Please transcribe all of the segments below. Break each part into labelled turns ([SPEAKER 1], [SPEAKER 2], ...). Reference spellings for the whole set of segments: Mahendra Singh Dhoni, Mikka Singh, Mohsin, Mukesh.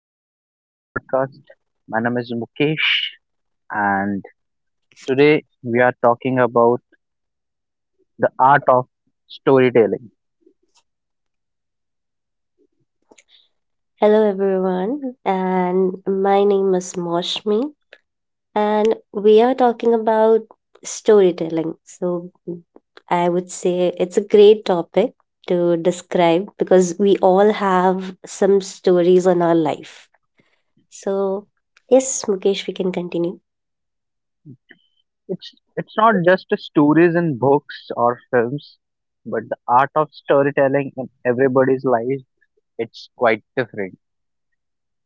[SPEAKER 1] welcome back to the podcast. My name is Mukesh, and today we are talking about the art of storytelling.
[SPEAKER 2] Hello, everyone, and my name is Moshmi, and we are talking about storytelling. So, I would say it's a great topic to describe because we all have some stories in our life. So, yes, Mukesh, we can continue.
[SPEAKER 1] It's it's not just stories in books or films, but the art of storytelling in everybody's life. It's quite different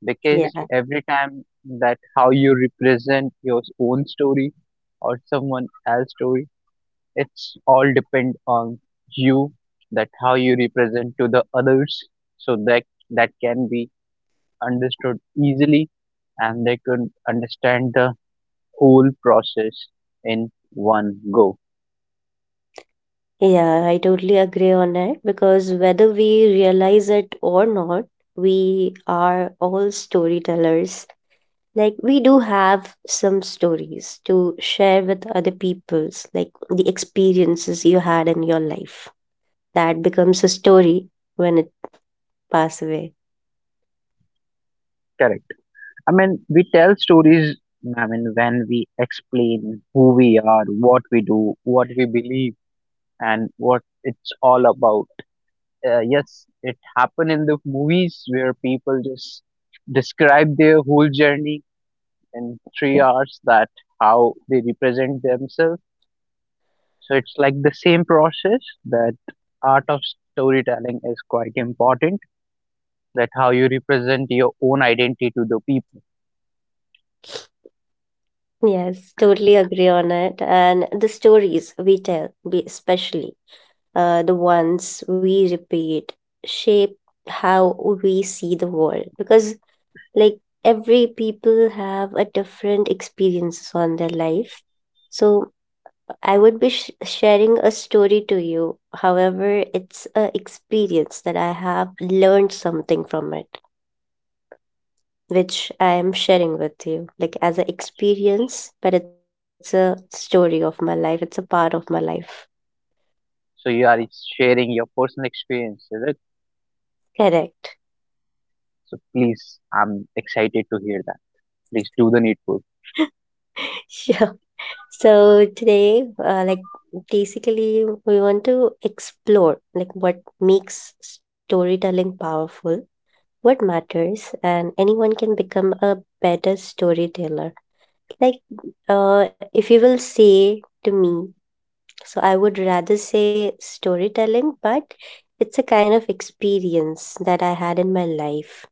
[SPEAKER 1] because
[SPEAKER 2] Yeah,
[SPEAKER 1] every time that how you represent your own story or someone else's story, it's all depend on you, that how you represent to the others so that that can be understood easily and they could understand the whole process in one go.
[SPEAKER 2] yeah, I totally agree on it because whether we realize it or not, we are all storytellers, like we do have some stories to share with other people's, like the experiences you had in your life that becomes a story when it pass away.
[SPEAKER 1] Correct, I mean we tell stories. I mean, when we explain who we are, what we do, what we believe, and what it's all about. Yes, it happened in the movies where people just describe their whole journey in 3 hours, that how they represent themselves. So it's like the same process, that art of storytelling is quite important, that how you represent your own identity to the people.
[SPEAKER 2] Yes, totally agree on it. And the stories we tell, we especially the ones we repeat, shape how we see the world. Because, like, every people have a different experience on their life. So, I would be sharing a story to you. However, it's a experience that I have learned something from it which I am sharing with you, like as an experience, but it's a story of my life. It's a part of my life.
[SPEAKER 1] So you are sharing your personal experience with it.
[SPEAKER 2] Correct.
[SPEAKER 1] So please, I'm excited to hear that. Please do the needful.
[SPEAKER 2] Sure. So today, like basically, we want to explore like what makes storytelling powerful, what matters, and anyone can become a better storyteller. Like, if you will say to me. So I would rather say storytelling, but it's a kind of experience that I had in my life.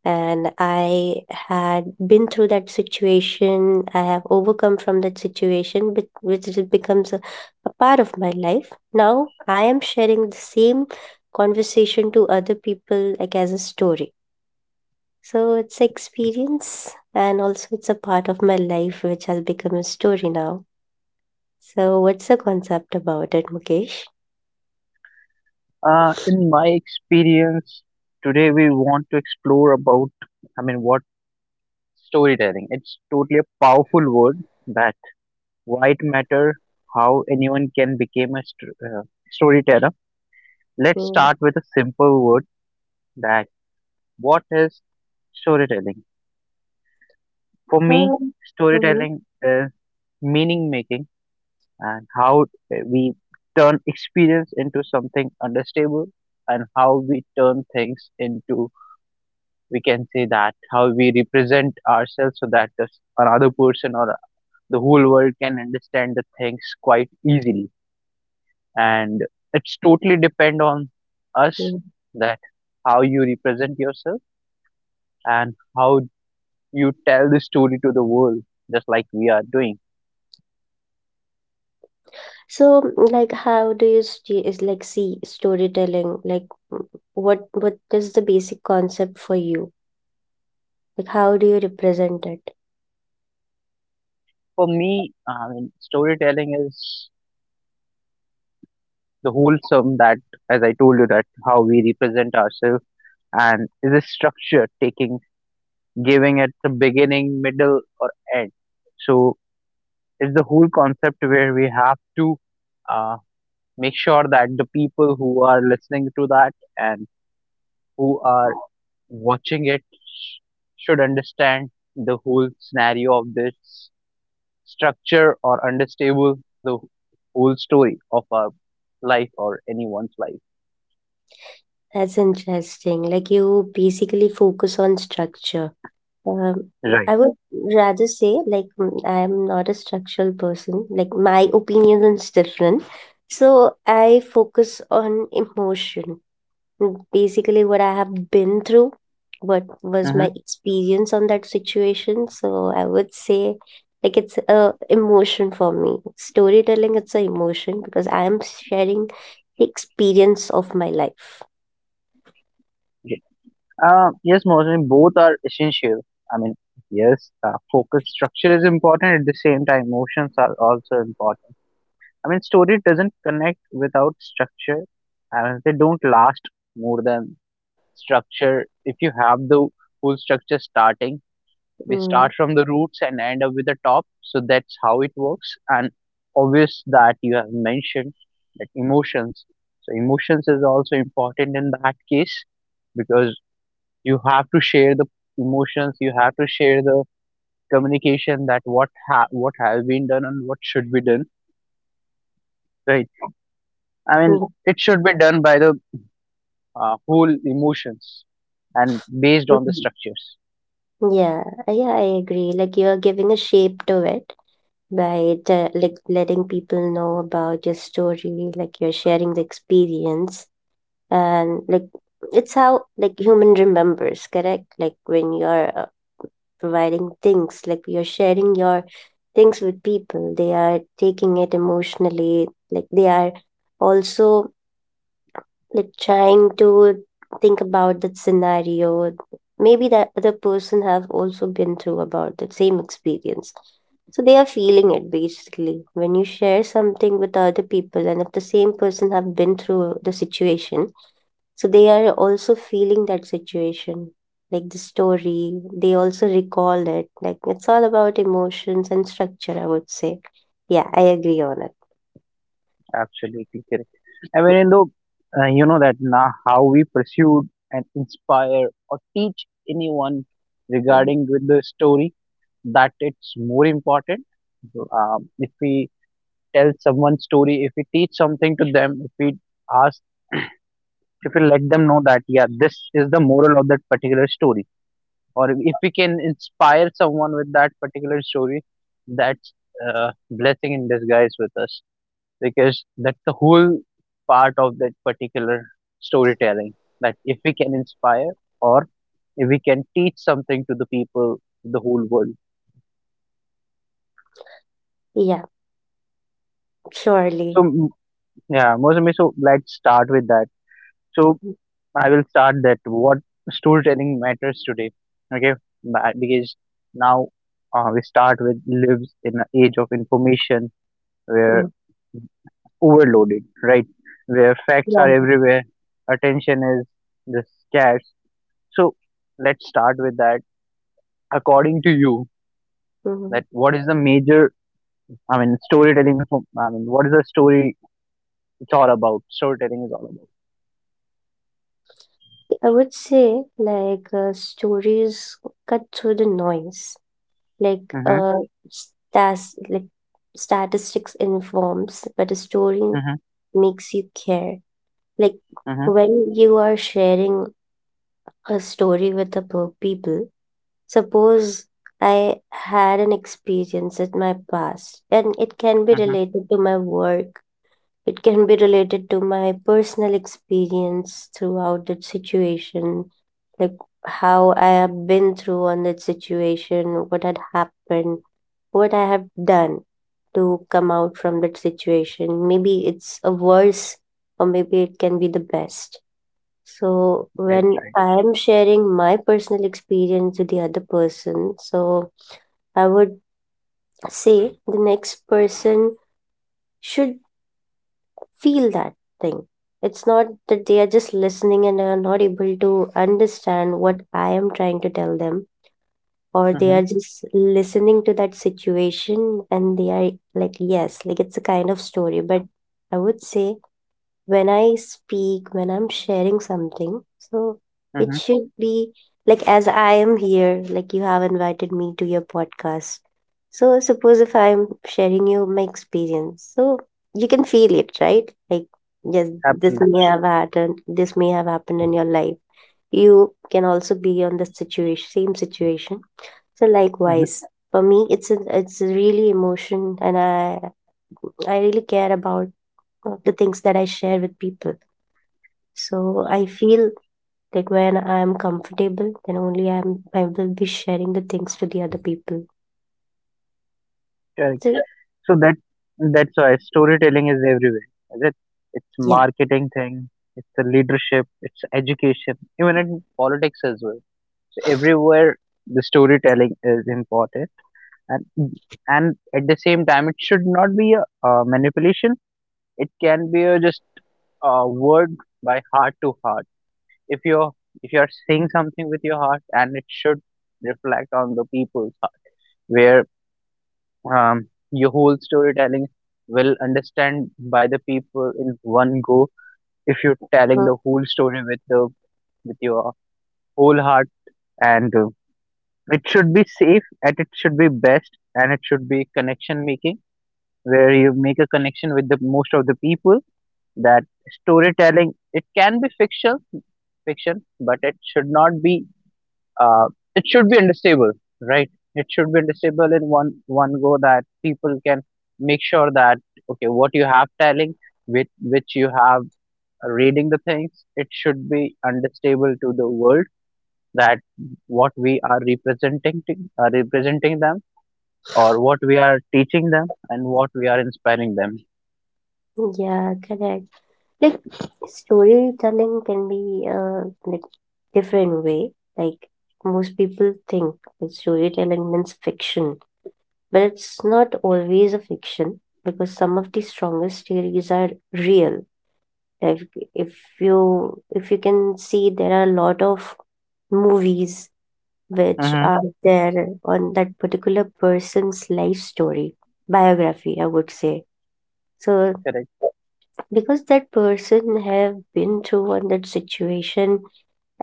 [SPEAKER 2] And I had been through that situation. I have overcome from that situation, but which it becomes a part of my life. Now I am sharing the same conversation to other people, like as a story. So it's experience, and also it's a part of my life which has become a story now. So what's the concept about it, Mukesh?
[SPEAKER 1] In my experience, today we want to explore about, I mean, what storytelling. It's totally a powerful word that white matter, how anyone can become a storyteller. Let's
[SPEAKER 2] Mm.
[SPEAKER 1] start with a simple word, that what is storytelling? For me,
[SPEAKER 2] Um, mhm,
[SPEAKER 1] storytelling is meaning making, and how we turn experience into something understandable, and how we turn things into, we can say that how we represent ourselves so that this another person or the whole world can understand the things quite easily, and it's totally depend on us,
[SPEAKER 2] mhm.
[SPEAKER 1] that how you represent yourself and how you tell the story to the world, just like we are doing.
[SPEAKER 2] So, like, how do you see, is like see storytelling? Like, what is the basic concept for you? Like, how do you represent it?
[SPEAKER 1] For me, I mean storytelling is the wholesome that, as I told you, that how we represent ourselves, and is a structure taking, giving at the beginning, middle or end. So it's the whole concept where we have to uh, make sure that the people who are listening to that and who are watching it should understand the whole scenario of this structure, or understable the whole story of our life or anyone's life.
[SPEAKER 2] That's interesting. Like, you basically focus on structure. Um,
[SPEAKER 1] Right.
[SPEAKER 2] I would rather say, like, I am not a structural person. Like, my opinion is different. So, I focus on emotion, basically what I have been through, what was
[SPEAKER 1] Hmm.
[SPEAKER 2] my experience on that situation. So I would say like it's a emotion for me. Storytelling it's a emotion because I am sharing the experience of my life.
[SPEAKER 1] Yes, Mohsin, both are essential. I mean, yes, focus structure is important. At the same time, emotions are also important. I mean, story doesn't connect without structure. I mean, they don't last more than structure. If you have the full structure starting, we start
[SPEAKER 2] Mm.
[SPEAKER 1] from the roots and end up with the top, so that's how it works. And obvious that you have mentioned that emotions, so emotions is also important in that case, because you have to share the emotions, you have to share the communication, that what has been done and what should be done, right? I mean,
[SPEAKER 2] Mm.
[SPEAKER 1] it should be done by the whole emotions and based on the
[SPEAKER 2] Mhm.
[SPEAKER 1] structures.
[SPEAKER 2] Yeah, yeah, I agree. Like you're giving a shape to it by the, like letting people know about your story, like you're sharing the experience, and like it's how like human remembers, correct, like when you're providing things, like you're sharing your things with people, they are taking it emotionally, like they are also like trying to think about that scenario. Maybe that other person have also been through about the same experience, so they are feeling it basically when you share something with other people, and if the same person have been through the situation, so they are also feeling that situation, like the story. They also recall it. Like it's all about emotions and structure, I would say. Yeah, I agree on it.
[SPEAKER 1] Absolutely correct. I mean, though, you know that now how we pursue and inspire or teach anyone
[SPEAKER 2] Mhm.
[SPEAKER 1] regarding with the story, that it's more important. So, if we tell someone story, if we teach something to them, if we ask, if we let them know that yeah, this is the moral of that particular story, or if we can inspire someone with that particular story, that's uh, blessing in disguise with us, because that's the whole part of that particular storytelling. That if we can inspire or if we can teach something to the people, to the whole world.
[SPEAKER 2] Yeah,
[SPEAKER 1] So
[SPEAKER 2] surely.
[SPEAKER 1] mm, yeah, Mozambique. So let's start with that. So I will start that what storytelling matters today. Okay, because now we start with lives in an age of information where
[SPEAKER 2] Mm.
[SPEAKER 1] overloaded, right? Where facts are
[SPEAKER 2] Yeah.
[SPEAKER 1] everywhere, attention is the scarce. So let's start with that. According to you,
[SPEAKER 2] Hmm.
[SPEAKER 1] that what is the major? I mean, storytelling. I mean, what is the story? It's all about storytelling. Is all about.
[SPEAKER 2] I would say like stories cut through the noise. Like
[SPEAKER 1] Mhm.
[SPEAKER 2] stas like statistics informs, but a story
[SPEAKER 1] Mhm.
[SPEAKER 2] makes you care. Like
[SPEAKER 1] Mhm.
[SPEAKER 2] when you are sharing a story with people. Suppose I had an experience in my past, and it can be
[SPEAKER 1] Mhm.
[SPEAKER 2] related to my work. It can be related to my personal experience throughout that situation, like how I have been through on that situation, what had happened, what I have done to come out from that situation. Maybe it's a worse, or maybe it can be the best. So
[SPEAKER 1] Right.
[SPEAKER 2] when
[SPEAKER 1] Right.
[SPEAKER 2] I am sharing my personal experience with the other person, so I would say the next person should feel that thing. It's not that they are just listening and are not able to understand what I am trying to tell them, or they are
[SPEAKER 1] Mhm.
[SPEAKER 2] just listening to that situation and they are like, yes, like it's a kind of story. But I would say when I speak, when I'm sharing something, so it
[SPEAKER 1] Mhm.
[SPEAKER 2] should be like as I am here, like you have invited me to your podcast. So suppose if I'm sharing you my experience, so you can feel it, right? Like yes, this
[SPEAKER 1] Absolutely.
[SPEAKER 2] may have happened, this may have happened in your life. You can also be on the situation, same situation. So
[SPEAKER 1] Mhm.
[SPEAKER 2] likewise, for me, it's a really emotion, and I really care about the things that I share with people, so I feel like when I am comfortable, then only I will be sharing the things to the other people.
[SPEAKER 1] Correct.
[SPEAKER 2] So
[SPEAKER 1] So that, that's why storytelling is everywhere. Is it? It's
[SPEAKER 2] yeah,
[SPEAKER 1] marketing thing. It's the leadership. It's education. Even in politics as well. So everywhere the storytelling is important. And and at the same time it should not be a manipulation, it can be a just a word by heart to heart. If you're if you're saying something with your heart, and it should reflect on the people's heart, where um, your whole storytelling will understand by the people in one go, if you're telling the
[SPEAKER 2] so-
[SPEAKER 1] whole story with the with your whole heart. And it should be safe and it should be best and it should be connection making, where you make a connection with the most of the people. That storytelling, it can be fiction, but it should not be uh, it should be understandable, right? It should be understandable in one go, that people can make sure that okay, what you have telling, with which you have reading the things, it should be understandable to the world, that what we are representing to, representing them, or what we are teaching them and what we are inspiring them.
[SPEAKER 2] yeah, correct. Like storytelling can be like different way. Like most people think that storytelling means fiction, but it's not always a fiction because some of the strongest theories are real. Like if you can see, there are a lot of movies which
[SPEAKER 1] Hmm.
[SPEAKER 2] are there on that particular person's life story, biography I would say, so
[SPEAKER 1] Correct.
[SPEAKER 2] because that person have been through on that situation,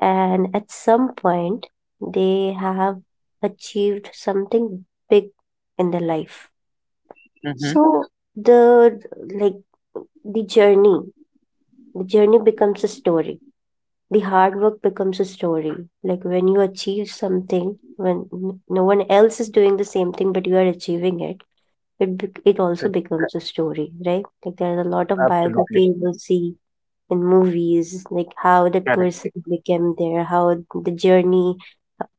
[SPEAKER 2] and at some point they have achieved something big in their life.
[SPEAKER 1] Mhm.
[SPEAKER 2] So the like the journey the journey becomes a story, the hard work becomes a story. Like when you achieve something, when no one else is doing the same thing, but you are achieving it, it also
[SPEAKER 1] Correct.
[SPEAKER 2] becomes a story, right? Like there's a lot of biography
[SPEAKER 1] Absolutely
[SPEAKER 2] you will see in movies, like how that
[SPEAKER 1] correct.
[SPEAKER 2] person became there, how the journey,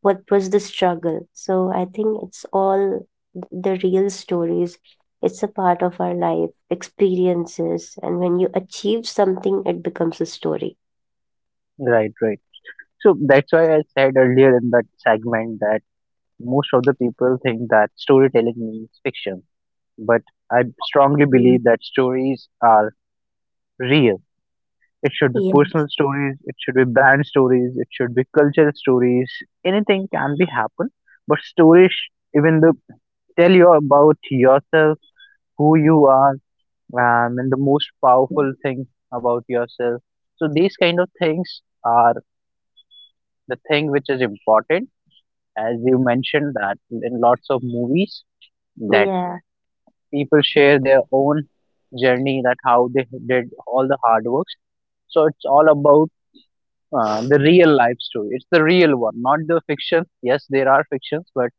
[SPEAKER 2] what was the struggle. So I think it's all the real stories. It's a part of our life experiences, and when you achieve something, it becomes a story.
[SPEAKER 1] Right, right. So that's why I said earlier in that segment that most of the people think that storytelling means fiction, but I strongly
[SPEAKER 2] Mm.
[SPEAKER 1] believe that stories are real. It should be
[SPEAKER 2] Yeah.
[SPEAKER 1] personal stories, it should be brand stories, it should be cultural stories. Anything can be happen, but even the tell you about yourself, who you are, and the most powerful thing about yourself. So these kind of things are the thing which is important, as you mentioned that in lots of movies that
[SPEAKER 2] Yeah.
[SPEAKER 1] people share their own journey, that how they did all the hard works. So it's all about the real life story. It's the real one, not the fiction. Yes, there are fictions, but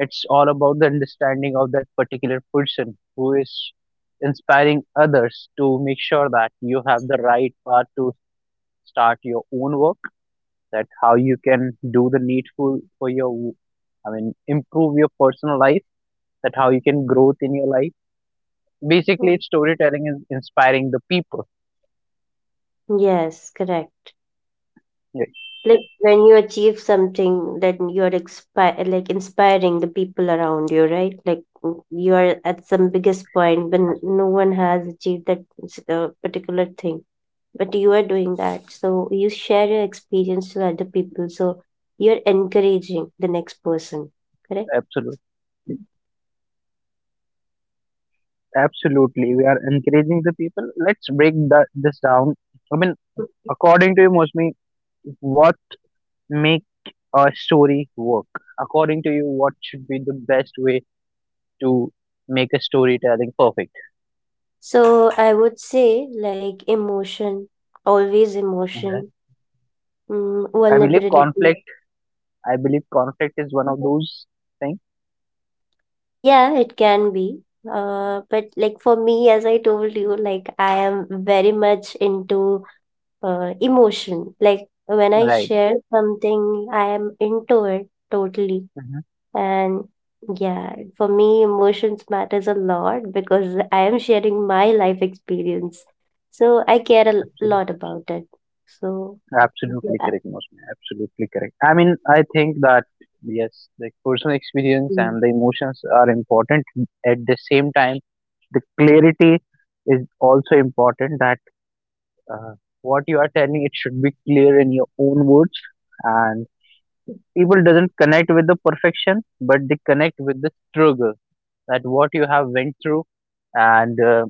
[SPEAKER 1] it's all about the understanding of that particular person who is inspiring others to make sure that you have the right path to start your own work, that how you can do the needful for your, I mean, improve your personal life, that how you can growth in your life.
[SPEAKER 2] Mm.
[SPEAKER 1] Basically it's storytelling is inspiring the people.
[SPEAKER 2] Yes, correct.
[SPEAKER 1] Yes.
[SPEAKER 2] Like when you achieve something, then you are like inspiring the people around you, right? Like you are at some biggest point when no one has achieved that particular thing, but you are doing that. So you share your experience to other people. So you're encouraging the next person, correct?
[SPEAKER 1] Absolutely, absolutely we are encouraging the people. Let's break that this down. I mean,
[SPEAKER 2] Mhm.
[SPEAKER 1] according to you, mostly what make a story work? According to you, what should be the best way to make a storytelling perfect?
[SPEAKER 2] So I would say like emotion, always
[SPEAKER 1] Okay.
[SPEAKER 2] emotion,
[SPEAKER 1] i believe conflict
[SPEAKER 2] vulnerability.
[SPEAKER 1] I believe conflict is one of those things,
[SPEAKER 2] Yeah, it can be. But like for me, as I told you, like I am very much into emotion. Like when I
[SPEAKER 1] right?
[SPEAKER 2] share something, I am into it totally.
[SPEAKER 1] Mhm.
[SPEAKER 2] And yeah, for me, emotions matters a lot because I am sharing my life experience. So I care a
[SPEAKER 1] Absolutely,
[SPEAKER 2] lot about it. So
[SPEAKER 1] absolutely
[SPEAKER 2] yeah,
[SPEAKER 1] correct, Mosme. Absolutely correct. I mean, I think that yes, the personal experience
[SPEAKER 2] mm,
[SPEAKER 1] and the emotions are important. At the same time, the clarity is also important. That uh, what you are telling, it should be clear in your own words, and people doesn't connect with the perfection, but they connect with the struggle. That what you have went through, and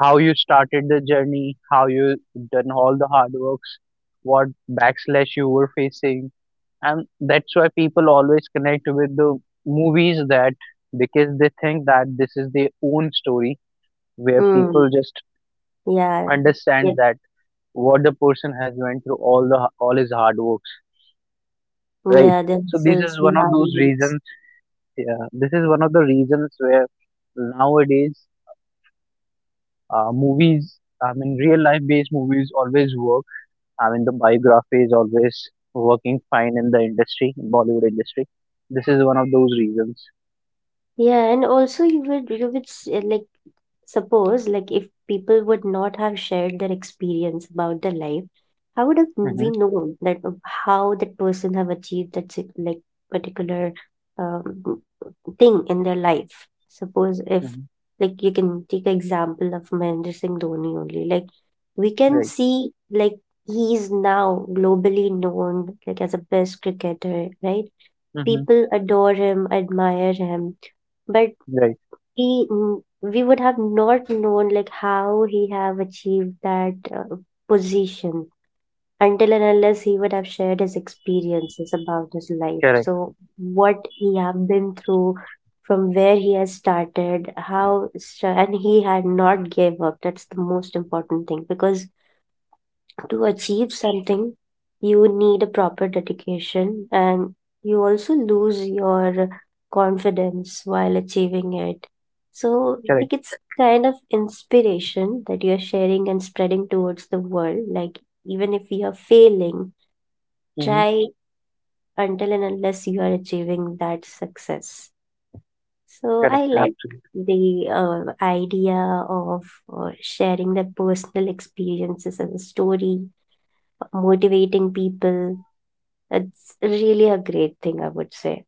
[SPEAKER 1] how you started the journey, how you done all the hard works, what backslash you were facing, and that's why people always connect with the movies, that because they think that this is their own story, where
[SPEAKER 2] mm,
[SPEAKER 1] people just
[SPEAKER 2] yeah,
[SPEAKER 1] understand
[SPEAKER 2] it,
[SPEAKER 1] that what the person has went through all the all his hard works, right?
[SPEAKER 2] yeah,
[SPEAKER 1] So
[SPEAKER 2] this
[SPEAKER 1] this
[SPEAKER 2] is
[SPEAKER 1] is
[SPEAKER 2] the
[SPEAKER 1] one of
[SPEAKER 2] hard.
[SPEAKER 1] those reasons. Yeah, this is one of the reasons where nowadays movies, I mean real life based movies always work. I mean the biography is always working fine in the industry, in Bollywood industry. This is one of those reasons.
[SPEAKER 2] Yeah, and also you would like suppose like if people would not have shared their experience about their life, how would have
[SPEAKER 1] Mm-hmm.
[SPEAKER 2] we known that how that person have achieved that like particular um, thing in their life? Suppose if
[SPEAKER 1] Mm-hmm.
[SPEAKER 2] like you can take an example of Mahendra Singh Dhoni only, like we can
[SPEAKER 1] Right.
[SPEAKER 2] see like he is now globally known like as a best cricketer, right?
[SPEAKER 1] Mm-hmm.
[SPEAKER 2] People adore him, admire him. But
[SPEAKER 1] Right.
[SPEAKER 2] we would have not known like how he have achieved that position until and unless he would have shared his experiences about his life,
[SPEAKER 1] Correct.
[SPEAKER 2] so what he have been through, from where he has started, and he had not gave up. That's the most important thing because to achieve something, you need a proper dedication, and you also lose your confidence while achieving it. So,
[SPEAKER 1] Correct.
[SPEAKER 2] like, it's kind of inspiration that you're sharing and spreading towards the world. Like, even if you are failing,
[SPEAKER 1] Mm-hmm.
[SPEAKER 2] try until and unless you are achieving that success. So, I
[SPEAKER 1] Correct.
[SPEAKER 2] like
[SPEAKER 1] Absolutely.
[SPEAKER 2] the idea of sharing the personal experiences as a story, motivating people. It's really a great thing, I would say.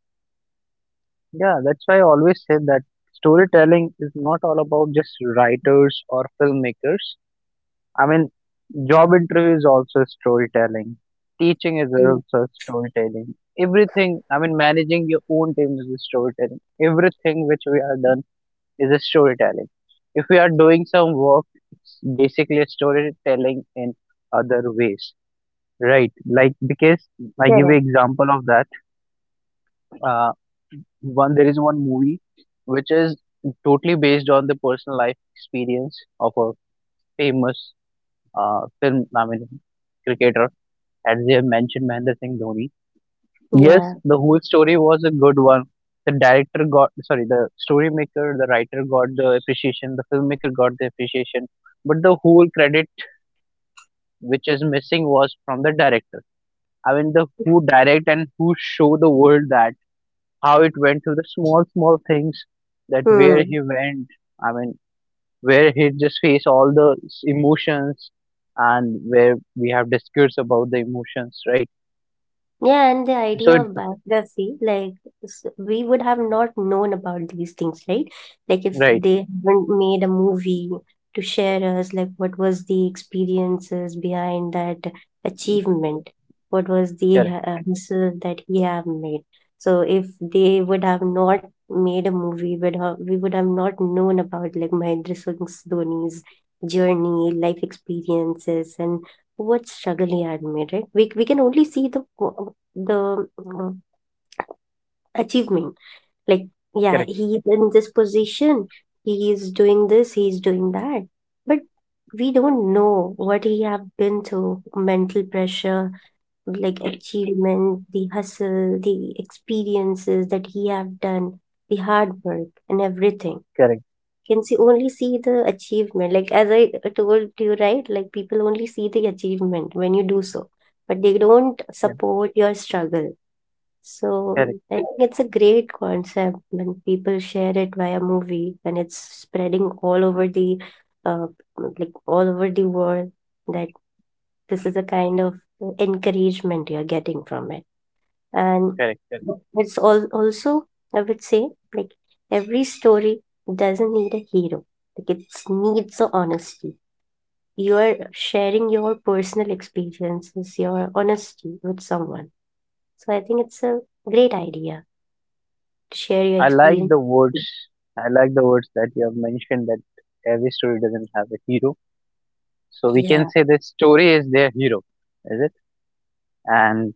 [SPEAKER 1] Yeah, that's why I always say that storytelling is not all about just writers or filmmakers. I mean, job interview is also storytelling. Teaching is
[SPEAKER 2] Mm.
[SPEAKER 1] also storytelling. Everything, I mean, managing your own team is a storytelling. Everything which we are done is a storytelling. If we are doing some work, it's basically a storytelling in other ways, right? Like because I give you
[SPEAKER 2] Correct.
[SPEAKER 1] example of that. Uh, one there is one movie which is totally based on the personal life experience of a famous film. I mean, cricketer, as they have mentioned Mahendra Singh Dhoni. Yes,
[SPEAKER 2] Yeah.
[SPEAKER 1] the whole story was a good one. The director got sorry, the story maker, the writer got the appreciation, the filmmaker got the appreciation, but the whole credit which is missing was from the director. I mean, the who direct and who show the world that how it went through the small things, that where
[SPEAKER 2] Hmm.
[SPEAKER 1] he went. I mean, where he just faced all the emotions, and where we have discussed about the emotions, right?
[SPEAKER 2] Yeah, and the
[SPEAKER 1] So
[SPEAKER 2] idea
[SPEAKER 1] it,
[SPEAKER 2] of biography, like we would have not known about these things, right? Like if
[SPEAKER 1] right,
[SPEAKER 2] they haven't made a movie to share us, like what was the experiences behind that achievement? What was the
[SPEAKER 1] correct,
[SPEAKER 2] hustle that he have made? So if they would have not made a movie, we would have not known about like Mahendra Singh Dhoni's journey, life experiences, and what struggle he had made, right? We can only see the achievement. Like, yeah,
[SPEAKER 1] correct.
[SPEAKER 2] he's in this position, he is doing this, he's doing that. But we don't know what he have been through, mental pressure, like achievement, the hustle, the experiences that he have done, the hard work and everything.
[SPEAKER 1] Correct.
[SPEAKER 2] Can see only see the achievement. Like as I told you, right? Like people only see the achievement when you do so, but they don't
[SPEAKER 1] Yeah.
[SPEAKER 2] support your struggle, so
[SPEAKER 1] Correct.
[SPEAKER 2] I think it's a great concept when people share it via movie when it's spreading uh, all over the world, that this is a kind of encouragement you're getting from it. And
[SPEAKER 1] Correct. Correct.
[SPEAKER 2] it's all also I would say like every story doesn't need a hero. Like it needs the honesty. You're sharing your personal experiences, your honesty with someone. So I think it's a great idea share your
[SPEAKER 1] I like
[SPEAKER 2] experience.
[SPEAKER 1] the words. I like the words that you have mentioned that every story doesn't have a hero. So we
[SPEAKER 2] Yeah,
[SPEAKER 1] can say the story is their hero, is it? And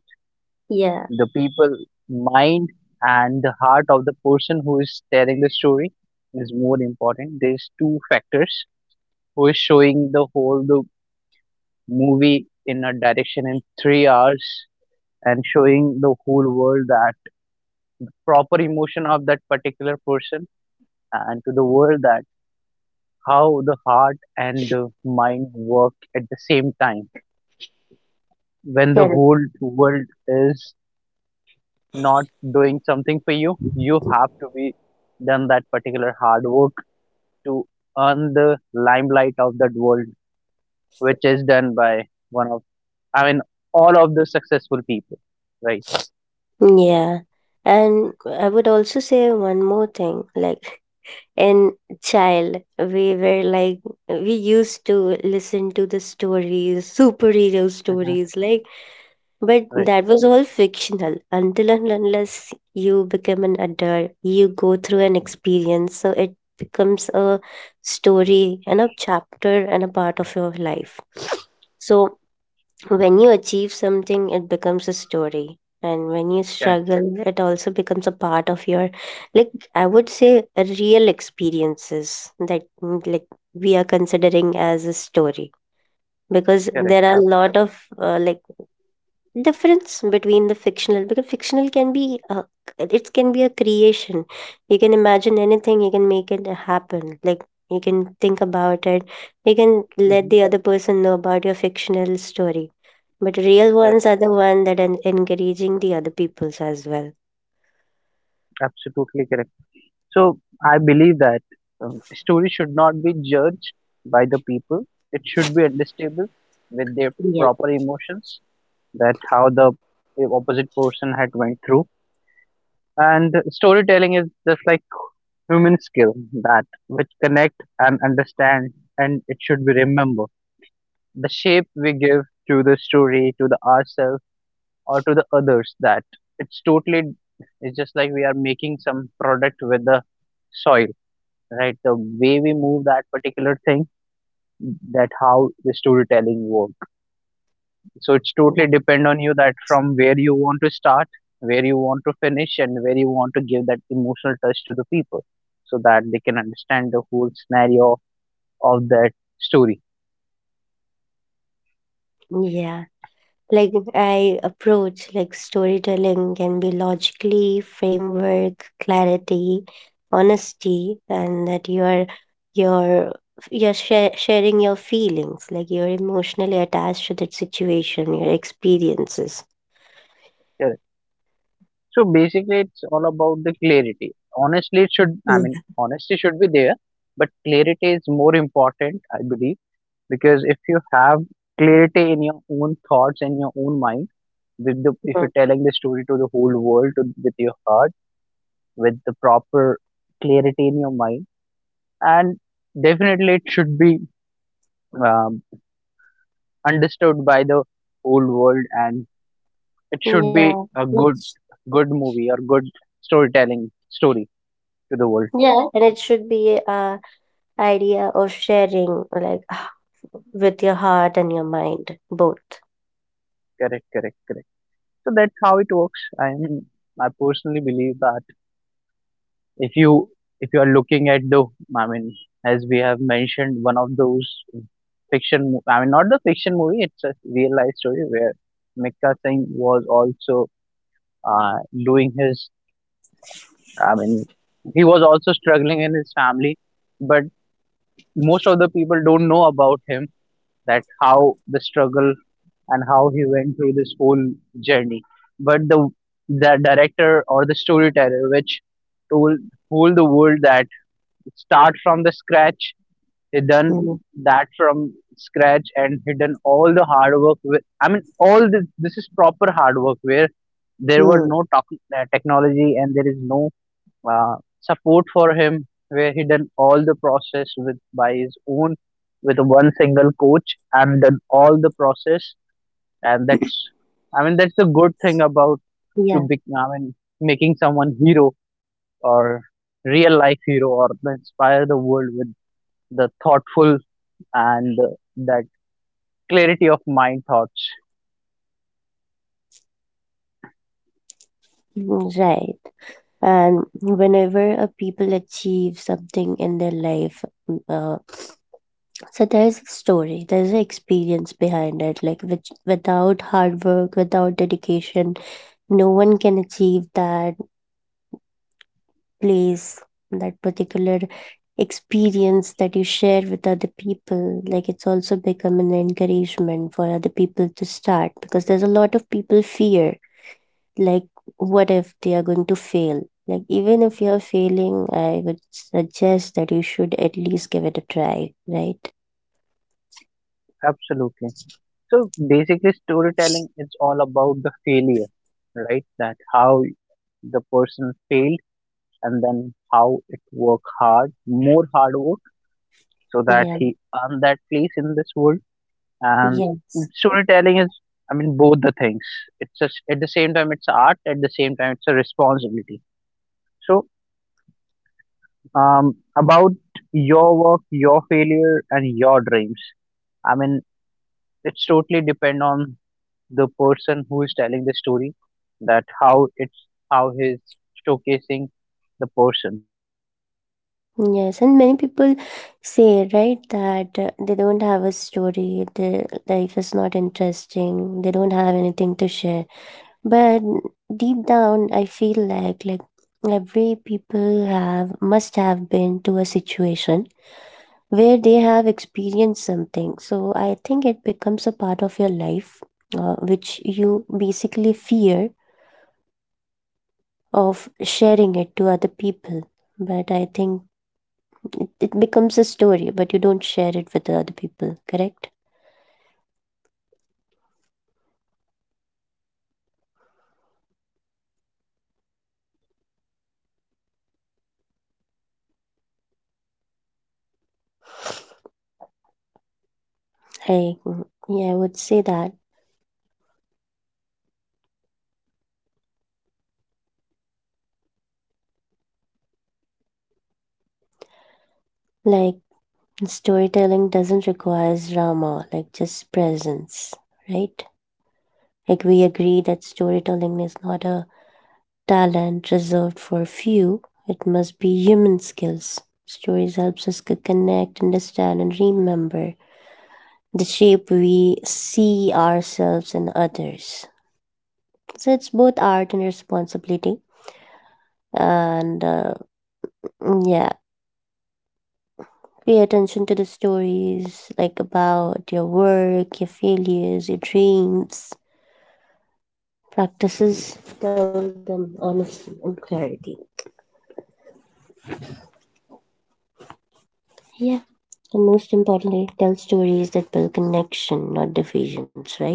[SPEAKER 2] yeah,
[SPEAKER 1] the people mind and the heart of the person who is telling the story is more important. There's two factors who is showing the movie in a direction in 3 hours and showing the whole world that proper emotion of that particular person and to the world that how the heart and the mind work at the same time. When the
[SPEAKER 2] correct.
[SPEAKER 1] whole world is not doing something for you, you have to be done that particular hard work to earn the limelight of that world, which is done by one of, I mean, all of the successful people, right?
[SPEAKER 2] Yeah. And I would also say one more thing. In child, we were like we used to listen to the stories, superhero
[SPEAKER 1] Hmm.
[SPEAKER 2] stories, but
[SPEAKER 1] Right.
[SPEAKER 2] that was all fictional. Until and unless you become an adult, you go through an experience. So it becomes a story and a chapter and a part of your life. So when you achieve something, it becomes a story. And when you
[SPEAKER 1] Correct.
[SPEAKER 2] struggle, it also becomes a part of your, I would say, a real experiences that, we are considering as a story. Because
[SPEAKER 1] Correct.
[SPEAKER 2] there are a lot of, difference between the fictional, because fictional can be, it can be a creation. You can imagine anything, you can make it happen. You can think about it, you can let
[SPEAKER 1] Absolutely.
[SPEAKER 2] the other person know about your fictional story, but real
[SPEAKER 1] Correct.
[SPEAKER 2] ones are the one that are encouraging the other peoples as well.
[SPEAKER 1] Absolutely correct. So I believe that stories should not be judged by the people. It should be understandable with their
[SPEAKER 2] Yeah.
[SPEAKER 1] proper emotions that how the opposite person had went through. And storytelling is just like human skill that which connect and understand, and it should be remember the shape we give to the story to the ourselves or to the others, that it's totally, it's just like we are making some product with the soil, right, the way we move that particular thing, that how the storytelling work. So it's totally depend on you that from where you want to start, where you want to finish, and where you want to give that emotional touch to the people so that they can understand the whole scenario of that story.
[SPEAKER 2] Yeah. I approach like storytelling can be logically, framework, clarity, honesty, and that you're you're sharing your feelings, like you're emotionally attached to that situation, your experiences.
[SPEAKER 1] Yeah. So basically it's all about the clarity. Honestly it should, I
[SPEAKER 2] Yeah.
[SPEAKER 1] mean, honesty should be there, but clarity is more important, I believe. Because if you have clarity in your own thoughts and your own mind, with the, if you're
[SPEAKER 2] Mhm.
[SPEAKER 1] telling the story to the whole world to, with your heart, with the proper clarity in your mind, and definitely it should be um, understood by the whole world, and it should be
[SPEAKER 2] Yeah.
[SPEAKER 1] a good
[SPEAKER 2] It's-
[SPEAKER 1] good movie or good storytelling story to the world.
[SPEAKER 2] Yeah. And it should be idea of sharing like with your heart and your mind both.
[SPEAKER 1] Correct, correct, correct. So that's how it works. I mean, I personally believe that if you, if you are looking at the, I mean, as we have mentioned one of those fiction mo- I mean not the fiction movie, it's a real life story where Mikka Singh was also, uh, doing his, I mean, he was also struggling in his family, but most of the people don't know about him, that how the struggle and how he went through this whole journey. But the director or the storyteller which told told the world that start from the scratch. He done that from scratch, and he done all the hard work. With, I mean, all this, this is proper hard work where there were
[SPEAKER 2] Mm-hmm.
[SPEAKER 1] no talk, technology, and there is no support for him. Where he done all the process with by his own, with one single coach, and done all the process, and that's, I mean, that's the good thing about, to
[SPEAKER 2] Yeah.
[SPEAKER 1] be, I mean, making someone hero or real life hero, or inspire the world with the thoughtful and that clarity of mind thoughts.
[SPEAKER 2] Right, and whenever a people achieve something in their life, mm, uh, so there's a story, there's an experience behind it, like which without hard work, without dedication, no one can achieve that place, that particular experience that you share with other people, like it's also become an encouragement for other people to start, because there's a lot of people fear, like, what if they are going to fail? Like, even if you're failing, I would suggest that you should at least give it a try, right?
[SPEAKER 1] Absolutely. So basically storytelling is all about the failure, right? That how the person failed, and then how it worked hard, more hard work, so that
[SPEAKER 2] Yeah,
[SPEAKER 1] he earned that place in this world. And
[SPEAKER 2] yes.
[SPEAKER 1] storytelling is, I mean, both the things, it's just, at the same time it's art, at the same time it's a responsibility. So about your work, your failure, and your dreams. I mean, it's totally depend on the person who is telling the story that how
[SPEAKER 2] Yes, and many people say, right, that they don't have a story, their life is not interesting, they don't have anything to share. But deep down, I feel like every people have must have been to a situation where they have experienced something. So I think it becomes a part of your life, which you basically fear of sharing it to other people. But I think it becomes a story, but you don't share it with the other people. Correct? I Yeah, I would say that, like storytelling doesn't require drama, like just presence, right? Like, we agree that storytelling is not a talent reserved for few, it must be human skills. Stories helps us connect, understand, and remember the shape we see ourselves and others. So it's both art and responsibility. And yeah, pay attention to the stories like about your work, your failures, your dreams, practices. Tell them honesty and clarity. Yeah. And most importantly, tell stories that build connection, not divisions, right?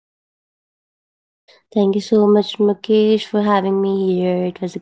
[SPEAKER 2] Thank you so much, Mukesh, for having me here. It was a great podcast.